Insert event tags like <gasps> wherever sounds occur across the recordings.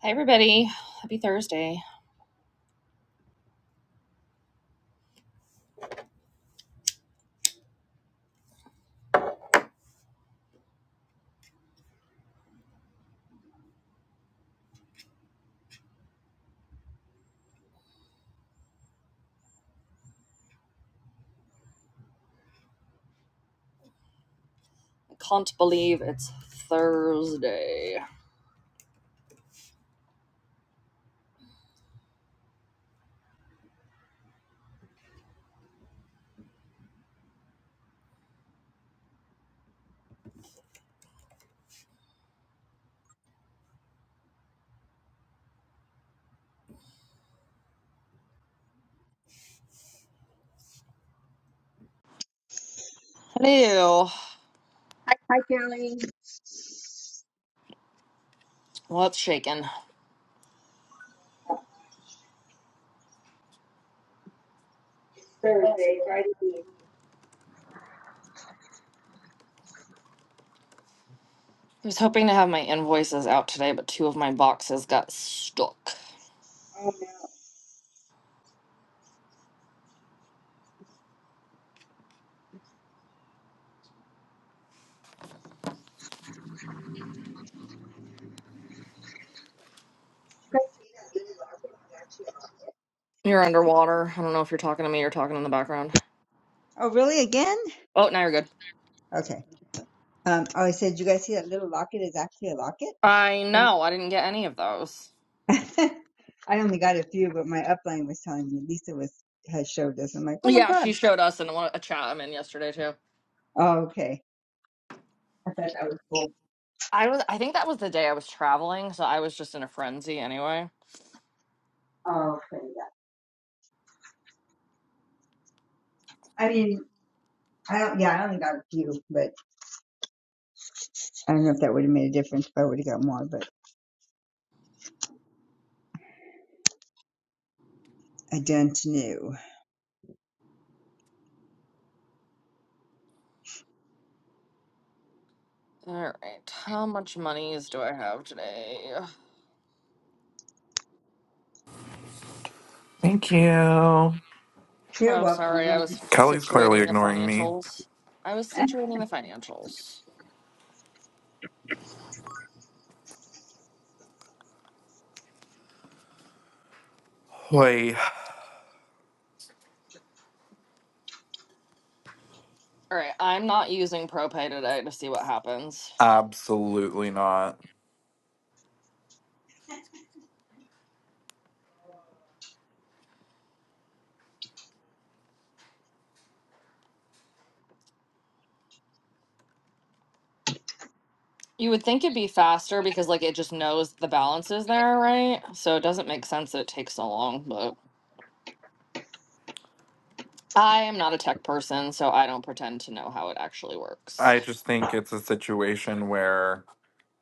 Hey everybody, happy Thursday. I can't believe it's Thursday. Hello, Hi, Kelly. what's shaking? I Thursday, Friday. Eve. was hoping to have my invoices out today, but two of my boxes got stuck. Oh no! Did You guys see that little locket? That's you. You're underwater. I don't know if you're talking to me or talking in the background. Oh, really? Again? Oh, now you're good. Okay. Um. Oh, I said, did you guys see that little locket? I know, I didn't get any of those. <laughs> I only got a few, but my upload Lisa was has showed this. I'm like, oh my Yeah, god. she showed us in one- a chat I'm in yesterday too. Oh, okay. I thought that was cool. I was I think that was the day I was traveling, so I was just in a frenzy anyway. Oh, okay. Yeah. I mean, I don't. Yeah, I only got a few, but I don't know if that would have made a difference if I would have got more. But I don't know. All right, how much monies do I have today? Thank you. You're Oh, sorry. I welcome. was Kelly's clearly situating the ignoring me. financials. I was situating the financials. Hoy, All right. I'm not using ProPay today to see what happens. absolutely not. You would think it'd be faster because, like, it just knows the balance is there, right? So it doesn't make sense that it takes so long, but I am not a tech person, so I don't pretend to know how it actually works. I just think it's a situation where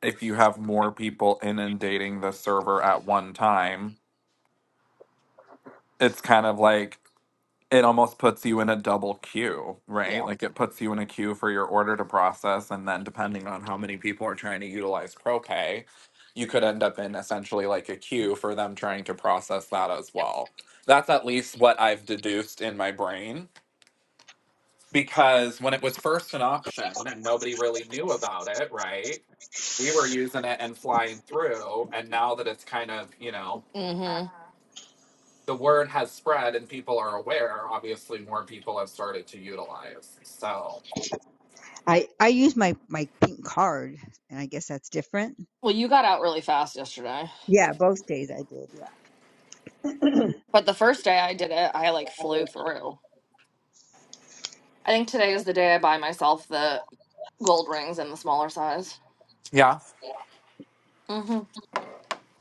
if you have more people inundating the server at one time, it's kind of like it almost puts you in a double queue, right? Yeah. Like it puts you in a queue for your order to process. And then depending on how many people are trying to utilize ProPay, you could end up in essentially like a queue for them trying to process that as well. That's at least what I've deduced in my brain because when it was first an option and nobody really knew about it, right? We were using it and flying through. And now that it's kind of, you know, Mm hmm. the word has spread and people are aware, obviously more people have started to utilize. So, <laughs> I I use my my pink card, and I guess that's different. Well, you got out really fast yesterday, Yeah, both days I did. but the first day I did it, I like flew through. I think today is the day I buy myself the gold rings in the smaller size. yeah. Mhm.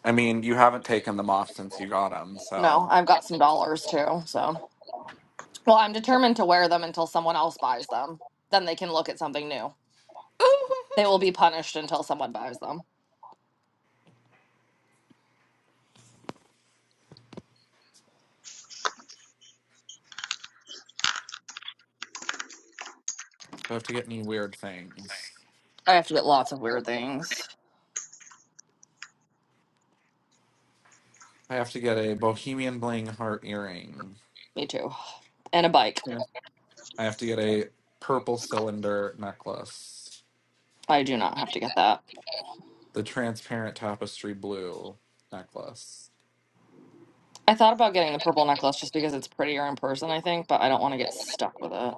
I mean, you haven't taken them off since you got them. No, So, I've got some dollars too. So, well, I'm determined to wear them until someone else buys them. Then they can look at something new. <laughs> I They will be punished until someone buys them. have to get any weird things. I have to get lots of weird things. I have to get a bohemian bling heart earring. Me too. And a bike. Sure. I have to get a purple cylinder necklace. I do not have to get that. The transparent tapestry blue necklace. I thought about getting the purple necklace just because it's prettier in person, I think, but I don't want to get stuck with it.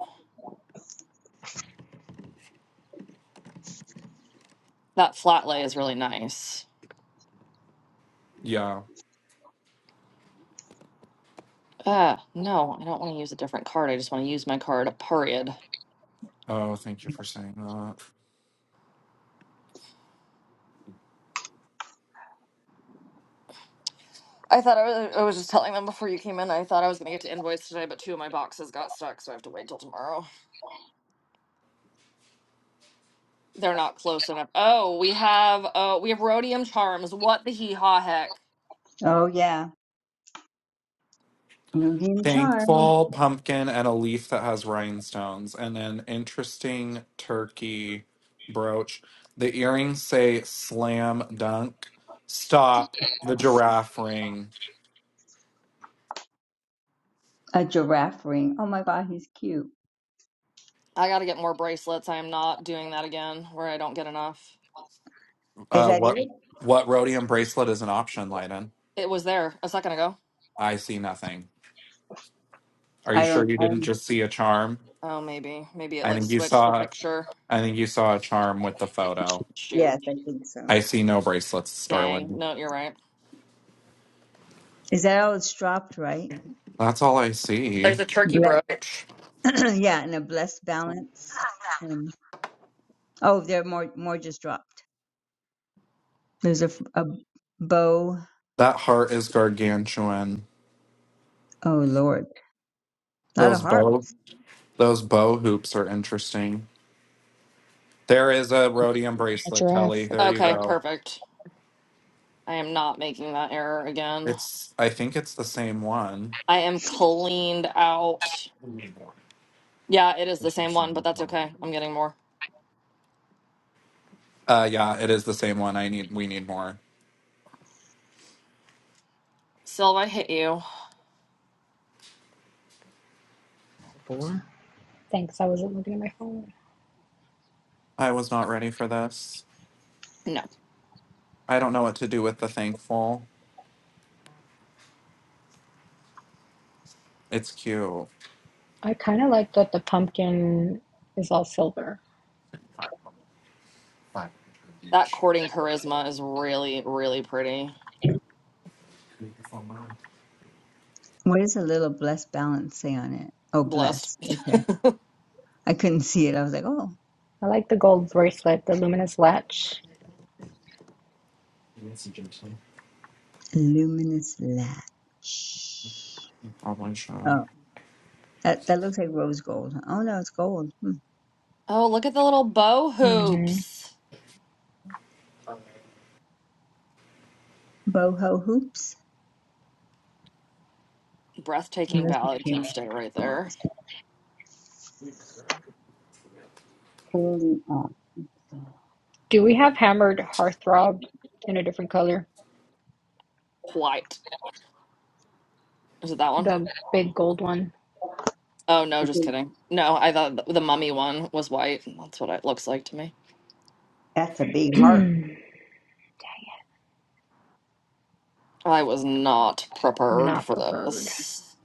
That flat lay is really nice. Yeah. Ah, no, I don't want to use a different card. I just want to use my card, period. Oh, thank you for saying that. I thought I was, I was just telling them before you came in. I thought I was going to get to invoice today, but two of my boxes got stuck, so I have to wait till tomorrow. They're not close enough. Oh, we have uh we have rhodium charms. What the hee haw heck? Oh yeah, Moogie and Charlie. Thankful pumpkin and a leaf that has rhinestones, and an interesting turkey brooch. The earrings say slam dunk. Stop the giraffe ring. A giraffe ring. Oh my god, he's cute. I got to get more bracelets. I am not doing that again where I don't get enough. Is Uh, that what it? what rhodium bracelet is an option, Leiden? It was there a second ago. I see nothing. Are you I sure don't. you I didn't don't just see a charm? Oh, maybe. Maybe it I like think you switched the saw. picture. I think you saw a charm with the photo. Shoot. yes, I think so. I see no bracelets, Dang. darling. No, you're right. Is that all it's dropped, right? That's all I see. There's a turkey Ble- brooch. <clears throat> yeah, and a blessed balance. Um, oh, there are more. More just dropped. There's a, f- a bow. That heart is gargantuan. Oh lord, a lot of Those bow hearts. those bow hoops are interesting. There is a rhodium A bracelet, Kelly. giraffe. There you Okay, go. perfect. I am not making that error again. It's I think it's the same one. I am cleaned out. We need more. Yeah, it is the It's the same one, but same that's one. okay. I'm getting more. Uh yeah, it is the same one. I need we need more. Sylve, I hit you. Thanks, I wasn't looking at my phone. I was not ready for this. No. I don't know what to do with the thankful. It's cute. I kind of like that the pumpkin is all silver. Five five That each. courting charisma is really, really pretty. Take the phone out. What does a little blessed balance say on it? Oh, Blessed. blessed. Okay, I couldn't see it. I was like, oh, I like the gold bracelet, the luminous latch. luminous latch. Oh my Oh. That that looks like rose gold. Oh no, it's gold. Hmm. Oh, look at the little bow hmm hoops. Boho hoops. Breathtaking Message ballad can channel. stay right there. Holding on. Do we have hammered heartthrob in a different color? White. Is it that one? The big gold one. Oh, no, just Okay, <laughs> kidding. No, I thought th- the mummy one was white. That's what it looks like to me. That's a big heart. <clears throat> I was not prepared Not for prepared. this.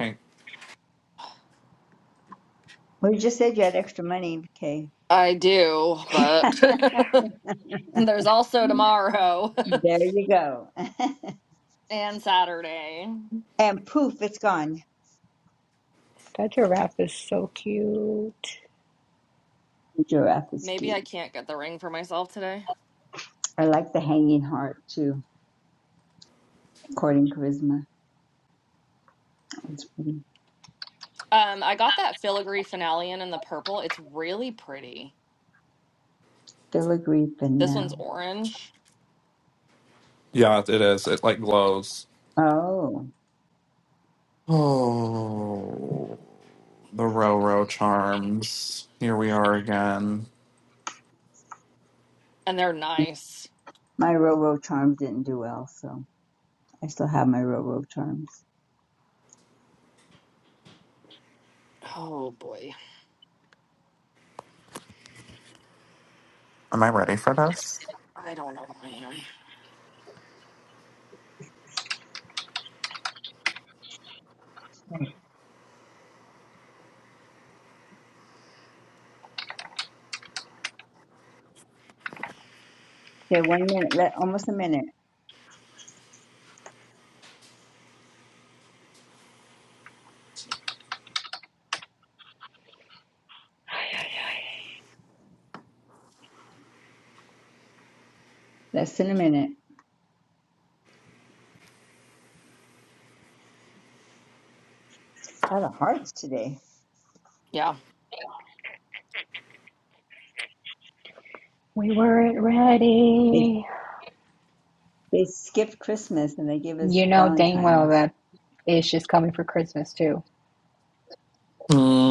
god. Well, you just said you had extra money. Okay, I do, but <laughs> there's also tomorrow there you go. <laughs> and Saturday. <laughs> and poof, it's gone. That giraffe is so cute. The giraffe is Maybe I cute. can't get the ring for myself today. I like the hanging heart too. According to charisma, it's pretty. Um, I got that filigree finalean in the purple. It's really pretty. Filigree This one's now. orange, Yeah, it is. It like glows. Oh, Oh, the Roro charms. Here we are again. and they're nice. my Roro charms didn't do well, so I still have my Roro charms. Oh boy, Am I ready for this? I don't know that I am. Okay, one minute. Let, almost a minute. <sighs> Less than a minute. A lot of hearts today. Yeah. We weren't They ready. they skipped Christmas and they gave us You know dang well Valentine's. that Ish is coming for Christmas too.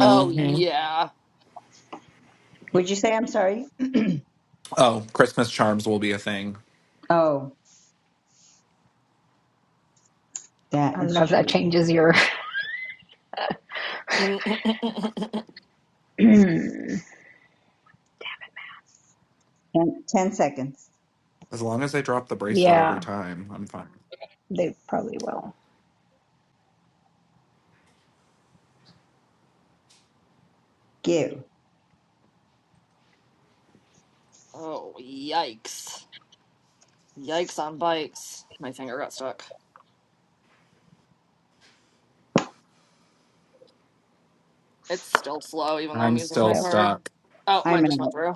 Oh yeah. Would you say I'm sorry? Oh, Christmas charms will be a thing. Oh, I that don't is know if that true. changes your. <laughs> oh <clears throat> Ten, ten seconds. As long as I drop the bracelet every yeah, time, I'm fine. they probably will. Give. yikes! Yikes on bikes. My finger got stuck. It's still slow, even though I'm I'm using my still Yep. card. stuck. Oh, I'm mine just went out. through.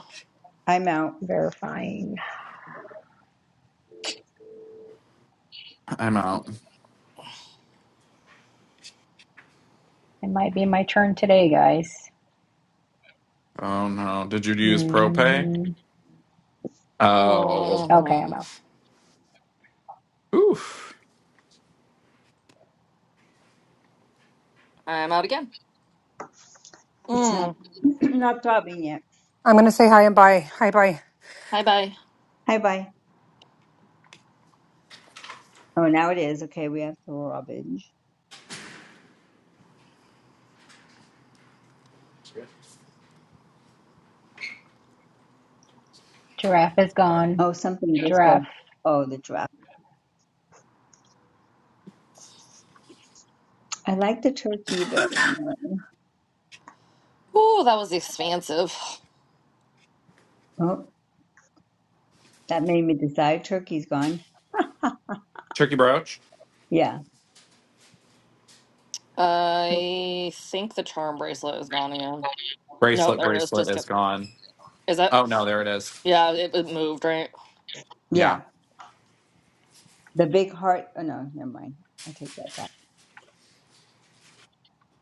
I'm out. Verifying. I'm out. It might be my turn today, guys. Oh no. Did you use ProPay? hmm Oh. Okay, I'm Mhm. out. Oof. I'm out again. It's not Mm. <clears throat> not throbbing yet. I'm going to say hi and bye. Hi, bye. Bye bye. Hi bye. Oh, now it is. Okay, we have throbbage. Giraffe is gone. Oh, something just so. Giraffe. Oh, the draft. I like the turkey, but Ooh, that was expansive. oh, that made me decide turkey's gone. Turkey brooch. Yeah, I think the charm bracelet is gone again. No, Bracelet, there it is. bracelet Just is get. gone. Is that? Oh no, there it is. Yeah, it, it moved, right? Yeah. yeah. The big heart. Oh no, never mind. I take that back.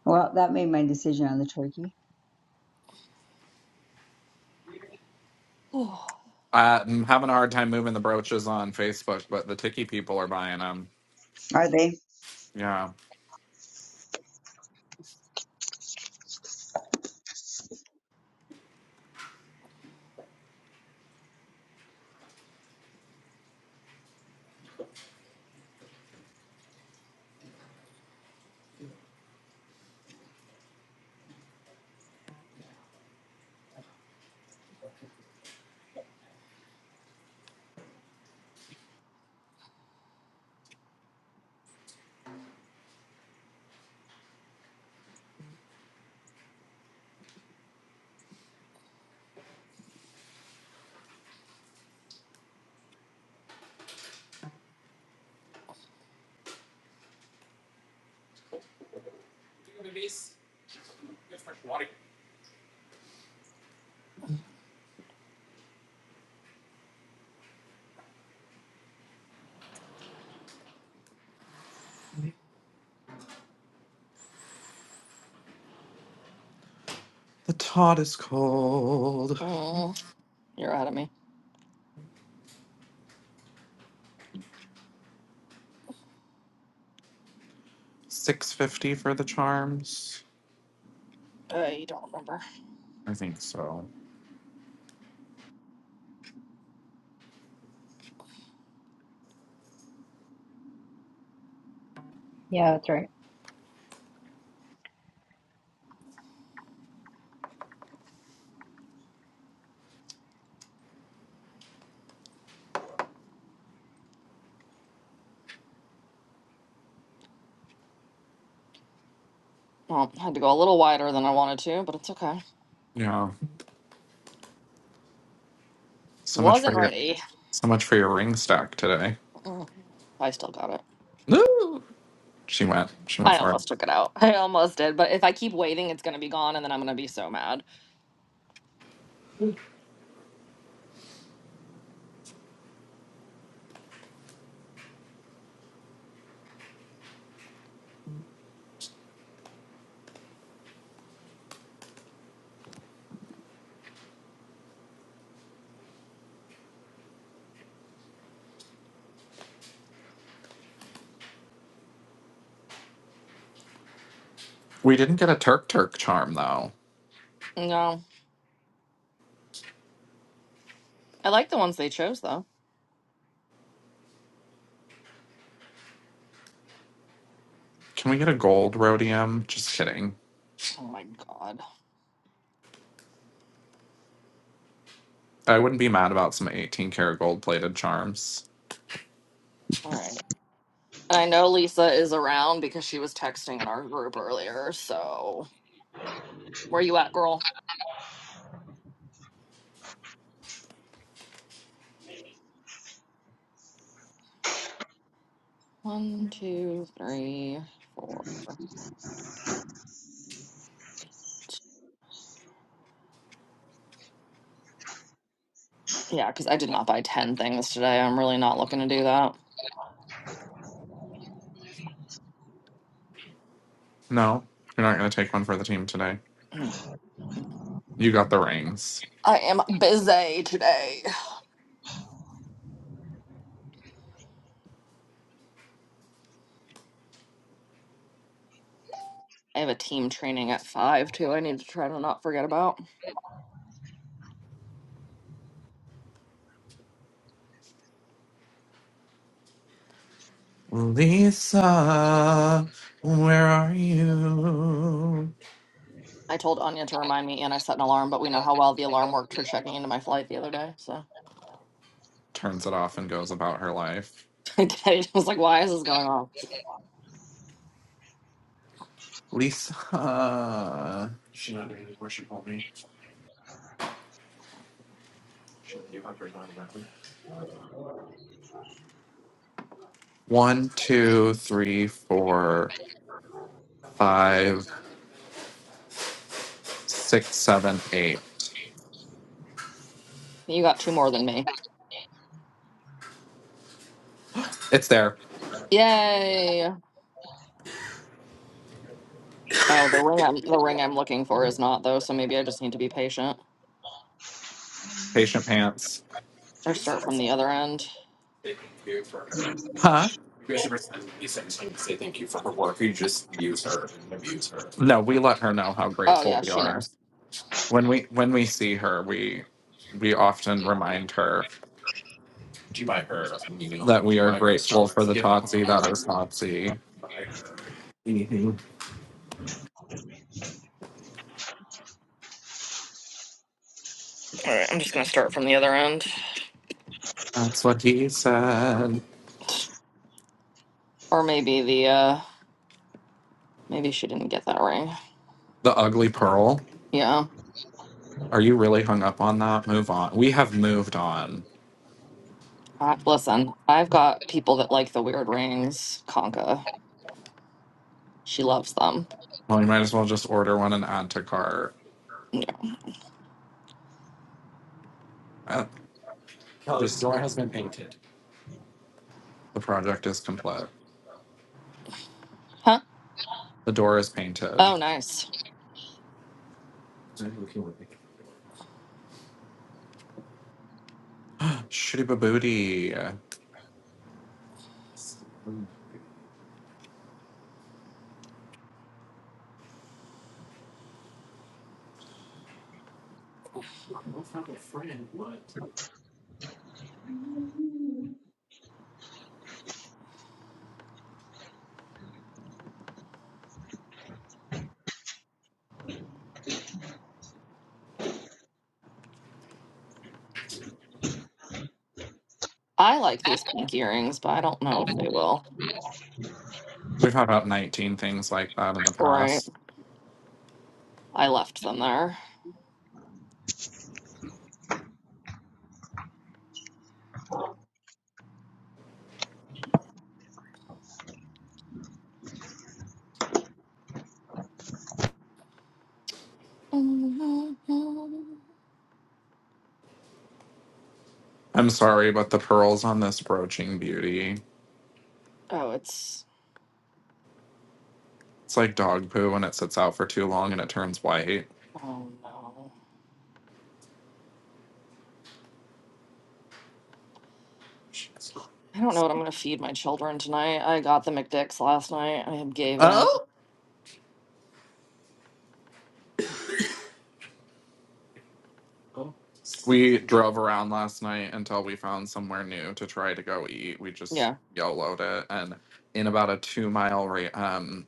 Well, that made my decision on the turkey. <sighs> I'm having a hard time moving the brooches on Facebook, but the Tiki people are buying them. Are they? Yeah. The Todd is cold. mm, you're ahead of me. Six fifty for the charms. I don't remember. I think so. Yeah, that's right. Well, I had to go a little wider than I wanted to, but it's okay. Yeah. So much for Wasn't your ready. so much for your ring stack today. Mm, I still got it. Woo! She went. She went I for it. almost took it out. <laughs> I almost did, but if I keep waiting, it's gonna be gone, and then I'm gonna be so mad. We didn't get a Turk Turk charm though. No, I like the ones they chose though. Can we get a gold rhodium? Just kidding. Oh my god. I wouldn't be mad about some 18 karat gold plated charms. All right. And I know Lisa is around because she was texting in our group earlier. So where you at, girl? One, two, three, four. Yeah, because I did not buy 10 things today. I'm really not looking to do that. No, you're not gonna take one for the team today. No. You got the rings. I am busy today. I have a team training at five too. I need to try to not forget about. Lisa, where are you? I told Anya to remind me, and I set an alarm. But we know how well the alarm worked for checking into my flight the other day. So Turns it off and goes about her life. <laughs> I was like, "Why is this going on?" Lisa. She's not doing any worship on me. She's you have her line now. One, two, three, four, five, six, seven, eight. You got two more than me. It's there. Yay! Oh, the ring. I'm, the ring I'm looking for is not though. So maybe I just need to be patient Patient pants. Do or you you say start from the other end. thank you for her? Huh? You you You guys ever send me something to say thank you for her her her. work? or you just use her and abuse her? No, we let her know how Oh grateful yeah, we she are. knows. When we when we see her, we we often remind her do you buy her you know, that we are grateful for the Totsie that is Totsie. Mhm. All right, I'm just gonna start from the other end, That's what he said. or maybe the uh maybe she didn't get that ring. The ugly pearl. Yeah, Are you really hung up on that? Move on. We have moved on. I, listen, I've got people that like the weird rings. Conka, she loves them. Well, you might as well just order one and add to cart. Uh, no, this- door has been painted. The project is complete. Huh? The door is painted. Oh, <gasps> nice. Shitty babooty. I like these pink earrings, but I don't know if they will. We've had about 19 things like that in the Right, past. I left them there. <laughs> I'm sorry, but the pearls on this broaching beauty. Oh, it's It's like dog poo when it sits out for too long and it turns white. oh no. I don't know what I'm gonna feed my children tonight. I got the McDicks last night. I gave in. Oh? We drove around last night until we found somewhere new to try to go eat. We just Yeah. YOLO'd it. And in about a two mile re- um,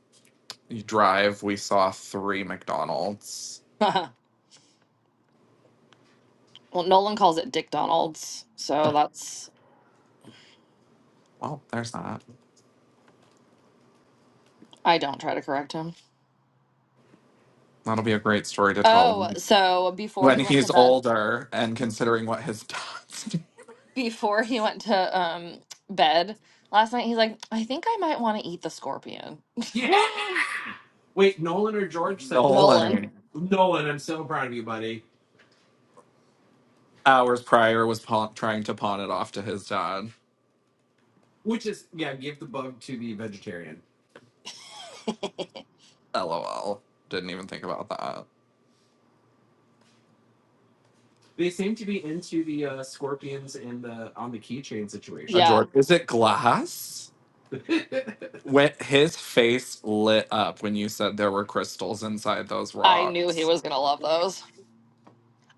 drive, we saw three McDonald's. <laughs> Well, Nolan calls it Dick Donald's, so that's Well, there's that. I don't try to correct him. That'll be a great story to tell Oh, so before when he went to he's bed, older and considering what his dad's doing. <laughs> before he went to um bed last night, he's like, I think I might want to eat the scorpion. Yeah. Wait, Nolan or George said that. Nolan. Nolan That? Nolan, I'm so proud of you, buddy. hours prior was pawn- trying to pawn it off to his dad. Which is yeah, give the bug to the vegetarian. <laughs> LOL. Didn't even think about that. They seem to be into the uh, scorpions in the on the keychain A situation. A Yeah, George. Is it glass? <laughs> When his face lit up when you said there were crystals inside those I knew he rocks. was gonna love those.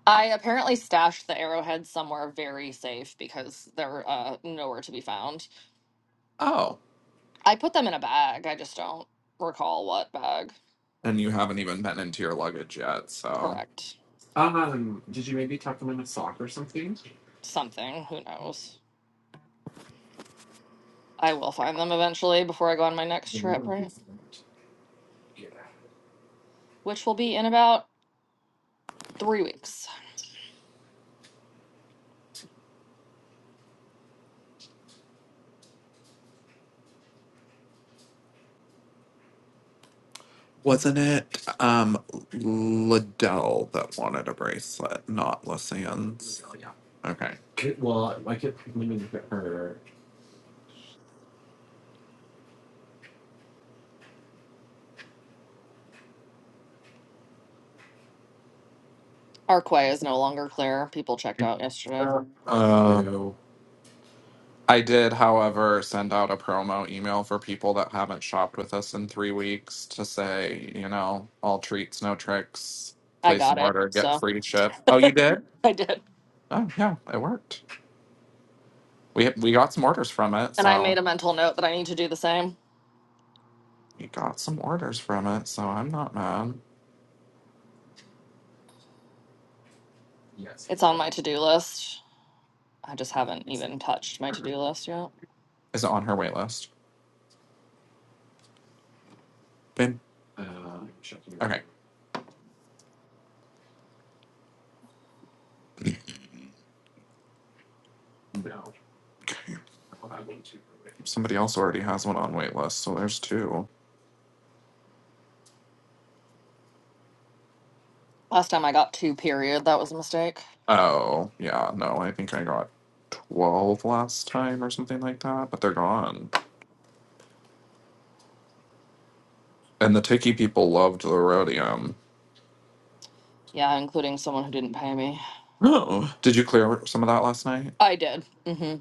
I apparently stashed the arrowheads somewhere very safe because they're uh nowhere to be found. Oh, I put them in a bag. I just don't recall what bag. and you haven't even been into your luggage yet, so. Correct. Um, did you maybe tuck them in a sock or something? Something. Who knows? I will find them eventually before I go on my next trip, right? Yeah. Which will be in about three weeks. Wasn't it um Liddell that wanted a bracelet, not Lysian's? Yeah. Okay. Could- Well, I kept thinking that her. Arquay is no longer clear. People checked out yesterday. Um, so, I did, however, send out a promo email for people that haven't shopped with us in three weeks to say, you know, all treats, no tricks. I Place an got it, order, get so free ship. Oh, you did? <laughs> I did. Oh, yeah, it worked. We we got some orders from it, And I made so a mental note that I need to do the same. we got some orders from it, so I'm not mad. It's on my to Is do list. I just haven't even touched my to do list yet. it on her wait list? Bim. Okay. Somebody else already has one on wait list, so there's two. Last time I got two, period. That was a mistake. Oh, yeah, no, I think I got 12 last time or something like that, but they're gone. And the Tiki people loved the rhodium. Yeah, including someone who didn't pay me. Oh. Did you clear some of that last night? I did. hmm.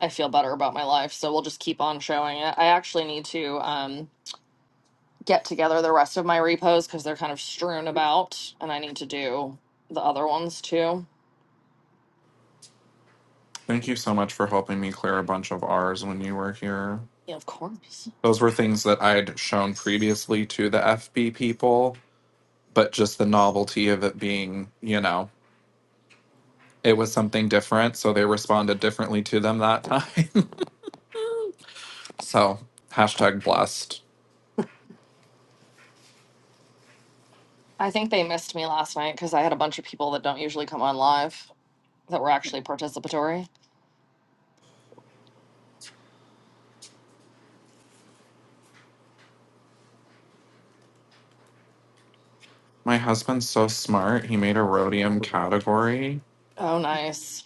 I feel better about my life, so we'll just keep on showing it. I actually need to. Um, get together the rest of my repos because they're kind of strewn about and I need to do the other ones too. Thank you so much for helping me clear a bunch of ours when you were here. Yeah, of course. Those were things that I'd shown previously to the FB people, but just the novelty of it being, you know, it was something different, so they responded differently to them that time. <laughs> so, hashtag blessed. I think they missed me last night because I had a bunch of people that don't usually come on live that were actually participatory. My husband's so smart. He made a rhodium category. Oh, nice.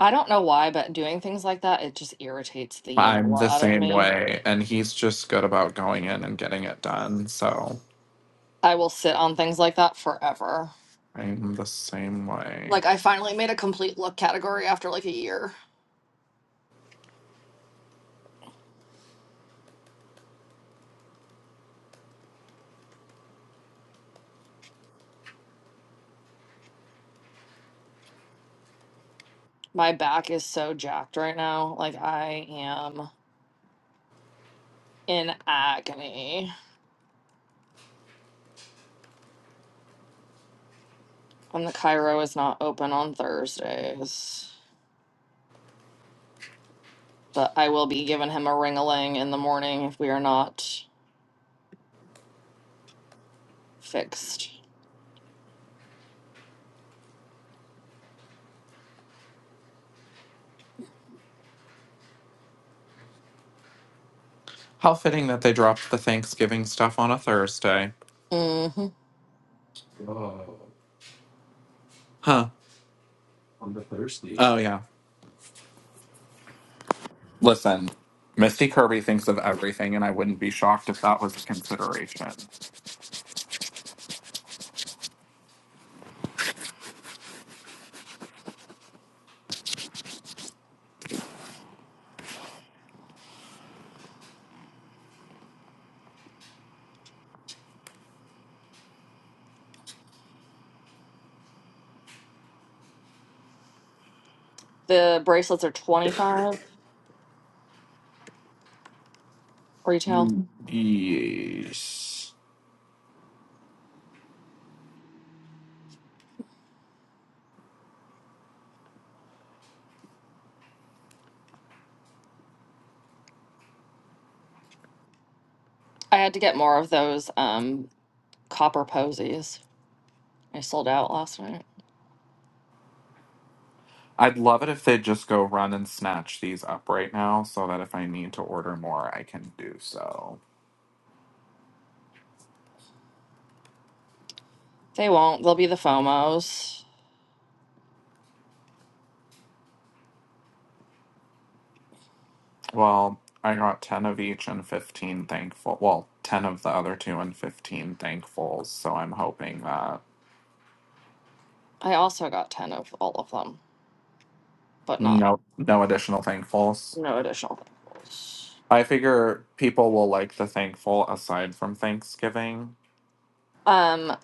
I don't know why, but doing things like that, it just irritates the you know I'm what the out of same me. way, and he's just good about going in and getting it done. So I will sit on things like that forever. I'm the same way. Like, I finally made a complete look category after like a year. My back is so jacked right now. Like, I am in agony. And the Cairo is not open on Thursdays. But I will be giving him a ring a ling in the morning if we are not fixed. How fitting that they dropped the Thanksgiving stuff on a Thursday. hmm Oh. Huh. On the Thursday. Oh, yeah. Listen, Misty Kirby thinks of everything, and I wouldn't be shocked if that was a consideration. The bracelets are 25 retail. Yes. I had to get more of those um, copper posies. I sold out last night. I'd love it if they'd just go run and snatch these up right now so that if I need to order more, I can do so. They won't. They'll be the FOMOs. Well, I got 10 of each and 15 thankful. Well, 10 of the other two and 15 thankfuls, so I'm hoping that I also got 10 of all of them, but not, no no additional thankfuls. no additional things. I figure people will like the thankful aside from Thanksgiving. Um,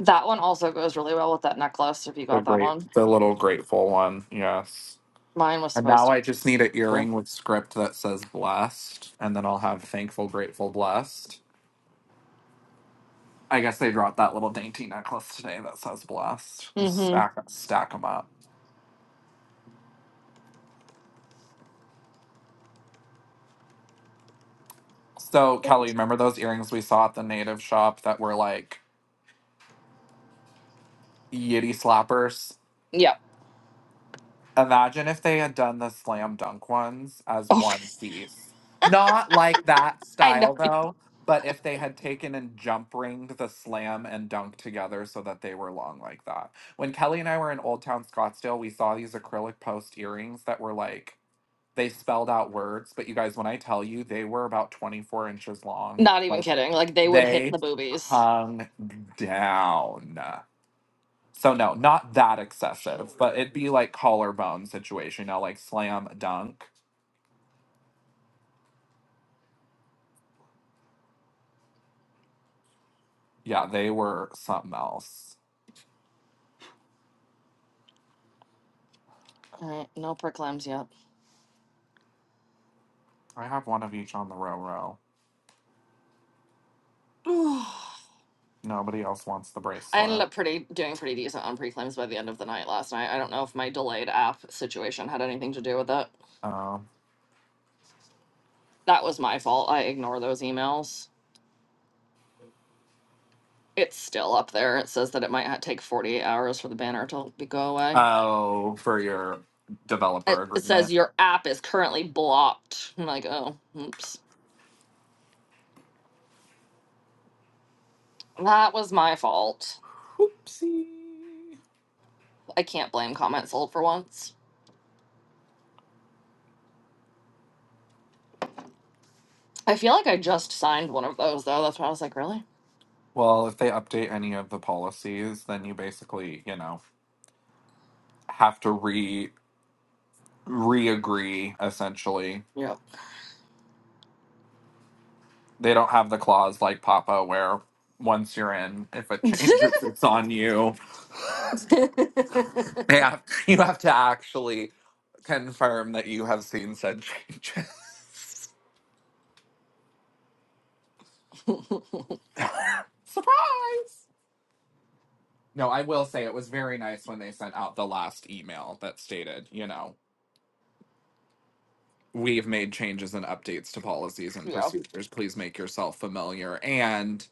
that one also goes really well with that necklace if you The got that great one. the little grateful one. Yes. Mine was And now supposed I just need an to. earring with script that says blessed, and then I'll have thankful, grateful, blessed. I guess they dropped that little dainty necklace today that says blessed. Just Mm stack stack them up. So hmm. Kelly, remember those earrings we saw at the native shop that were like yitty slappers? Yeah. Imagine if they had done the slam dunk ones as Oh, one piece. Not like that <laughs> I know. style though, but if they had taken and jump ringed the slam and dunk together so that they were long like that. When Kelly and I were in Old Town Scottsdale, we saw these acrylic post earrings that were like They spelled out words, but you guys, when I tell you, they were about 24 inches long. Not even Like kidding. Like they would hit they the boobies. hung down. So no, not that excessive, but it'd be like collarbone situation, you know, like slam dunk. Yeah, they were something else. All right, no preclams yet. I have one of each on the row row. <sighs> Nobody else wants the I ended bracelet. up pretty doing pretty decent on preclams by the end of the night last night. I don't know if my delayed app situation had anything to do with it. Oh. That was my fault. I ignore those emails. It's still up there. It says that it might ha- take 48 hours for the banner to be- go away. Oh, for your It, developer it agreement. says your app is currently blocked. I'm like, oh, oops. That was my fault. Oopsie. I can't blame Comment Sold for once. I feel like I just signed one of those though. That's why I was like, really? Well, if they update any of the policies, then you basically, you know. have to re re-agree essentially. Yeah. They don't have the clause like Papa where once you're in, if it <laughs> <laughs> changes, it's on you. They have you have to actually confirm that you have seen said changes. <laughs> Surprise! No, I will say it was very nice when they sent out the last email that stated, you know, we've made changes and updates to policies and yeah. procedures. Please make yourself familiar. And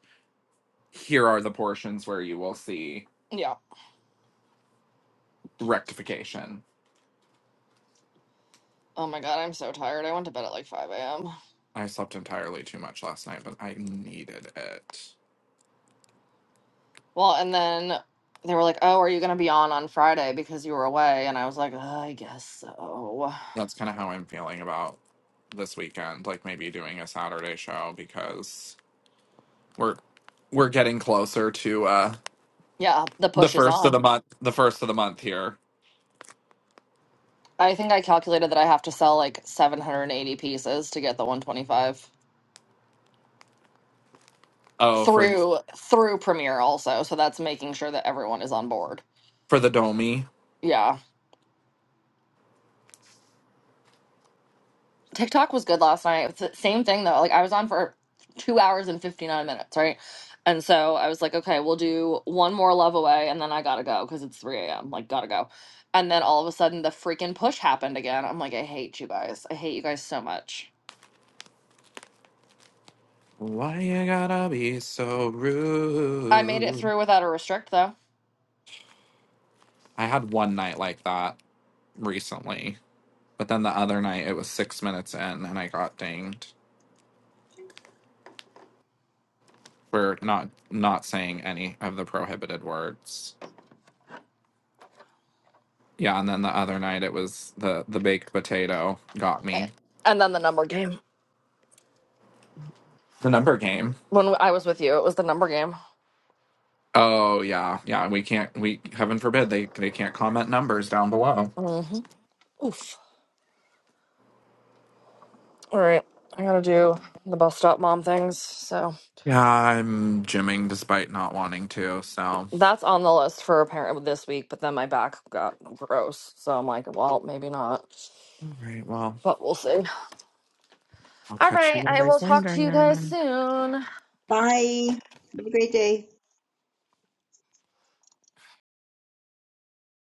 here are the portions where you will see Yeah. rectification. Oh my god, I'm so tired. I went to bed at like 5 a.m. I slept entirely too much last night, but I needed it. Well, and then they were like, oh, are you going to be on on Friday because you were away? And I was like, uh, I guess so. That's kind of how I'm feeling about this weekend, like maybe doing a Saturday show because we're we're getting closer to uh Yeah, the the push is first of on. the month, the first of the month here. I think I calculated that I have to sell like 780 pieces to get the 125 Oh, for through through Premiere also. So that's making sure that everyone is on board. for the Domi. Yeah. TikTok was good last night. It's the same thing though. Like I was on for two hours and fifty nine minutes, right? And so I was like, okay, we'll do one more love away, and then I gotta go because it's three a.m. Like gotta go. And then all of a sudden, the freaking push happened again. I'm like, I hate you guys. I hate you guys so much. Why you gotta be so I made it rude? through without a restrict though. I had one night like that recently, but then the other night it was six minutes in and I got dinged. for not not saying any of the prohibited words. Yeah, and then the other night it was the the baked potato got A- me. And then the number game. The number game. When I was with you, it was the number game. Oh yeah, yeah. We can't. We heaven forbid they they can't comment numbers down below. hmm Oof. All right, I gotta do the bus stop mom things. So. Yeah, I'm gymming despite not wanting to. So, all That's on the list for apparent this week, but then my back got gross. So I'm like, well, maybe not. right. Well, But we'll see. I'll All catch right. you I will guys talk to you guys later. soon. Bye. Have a great day.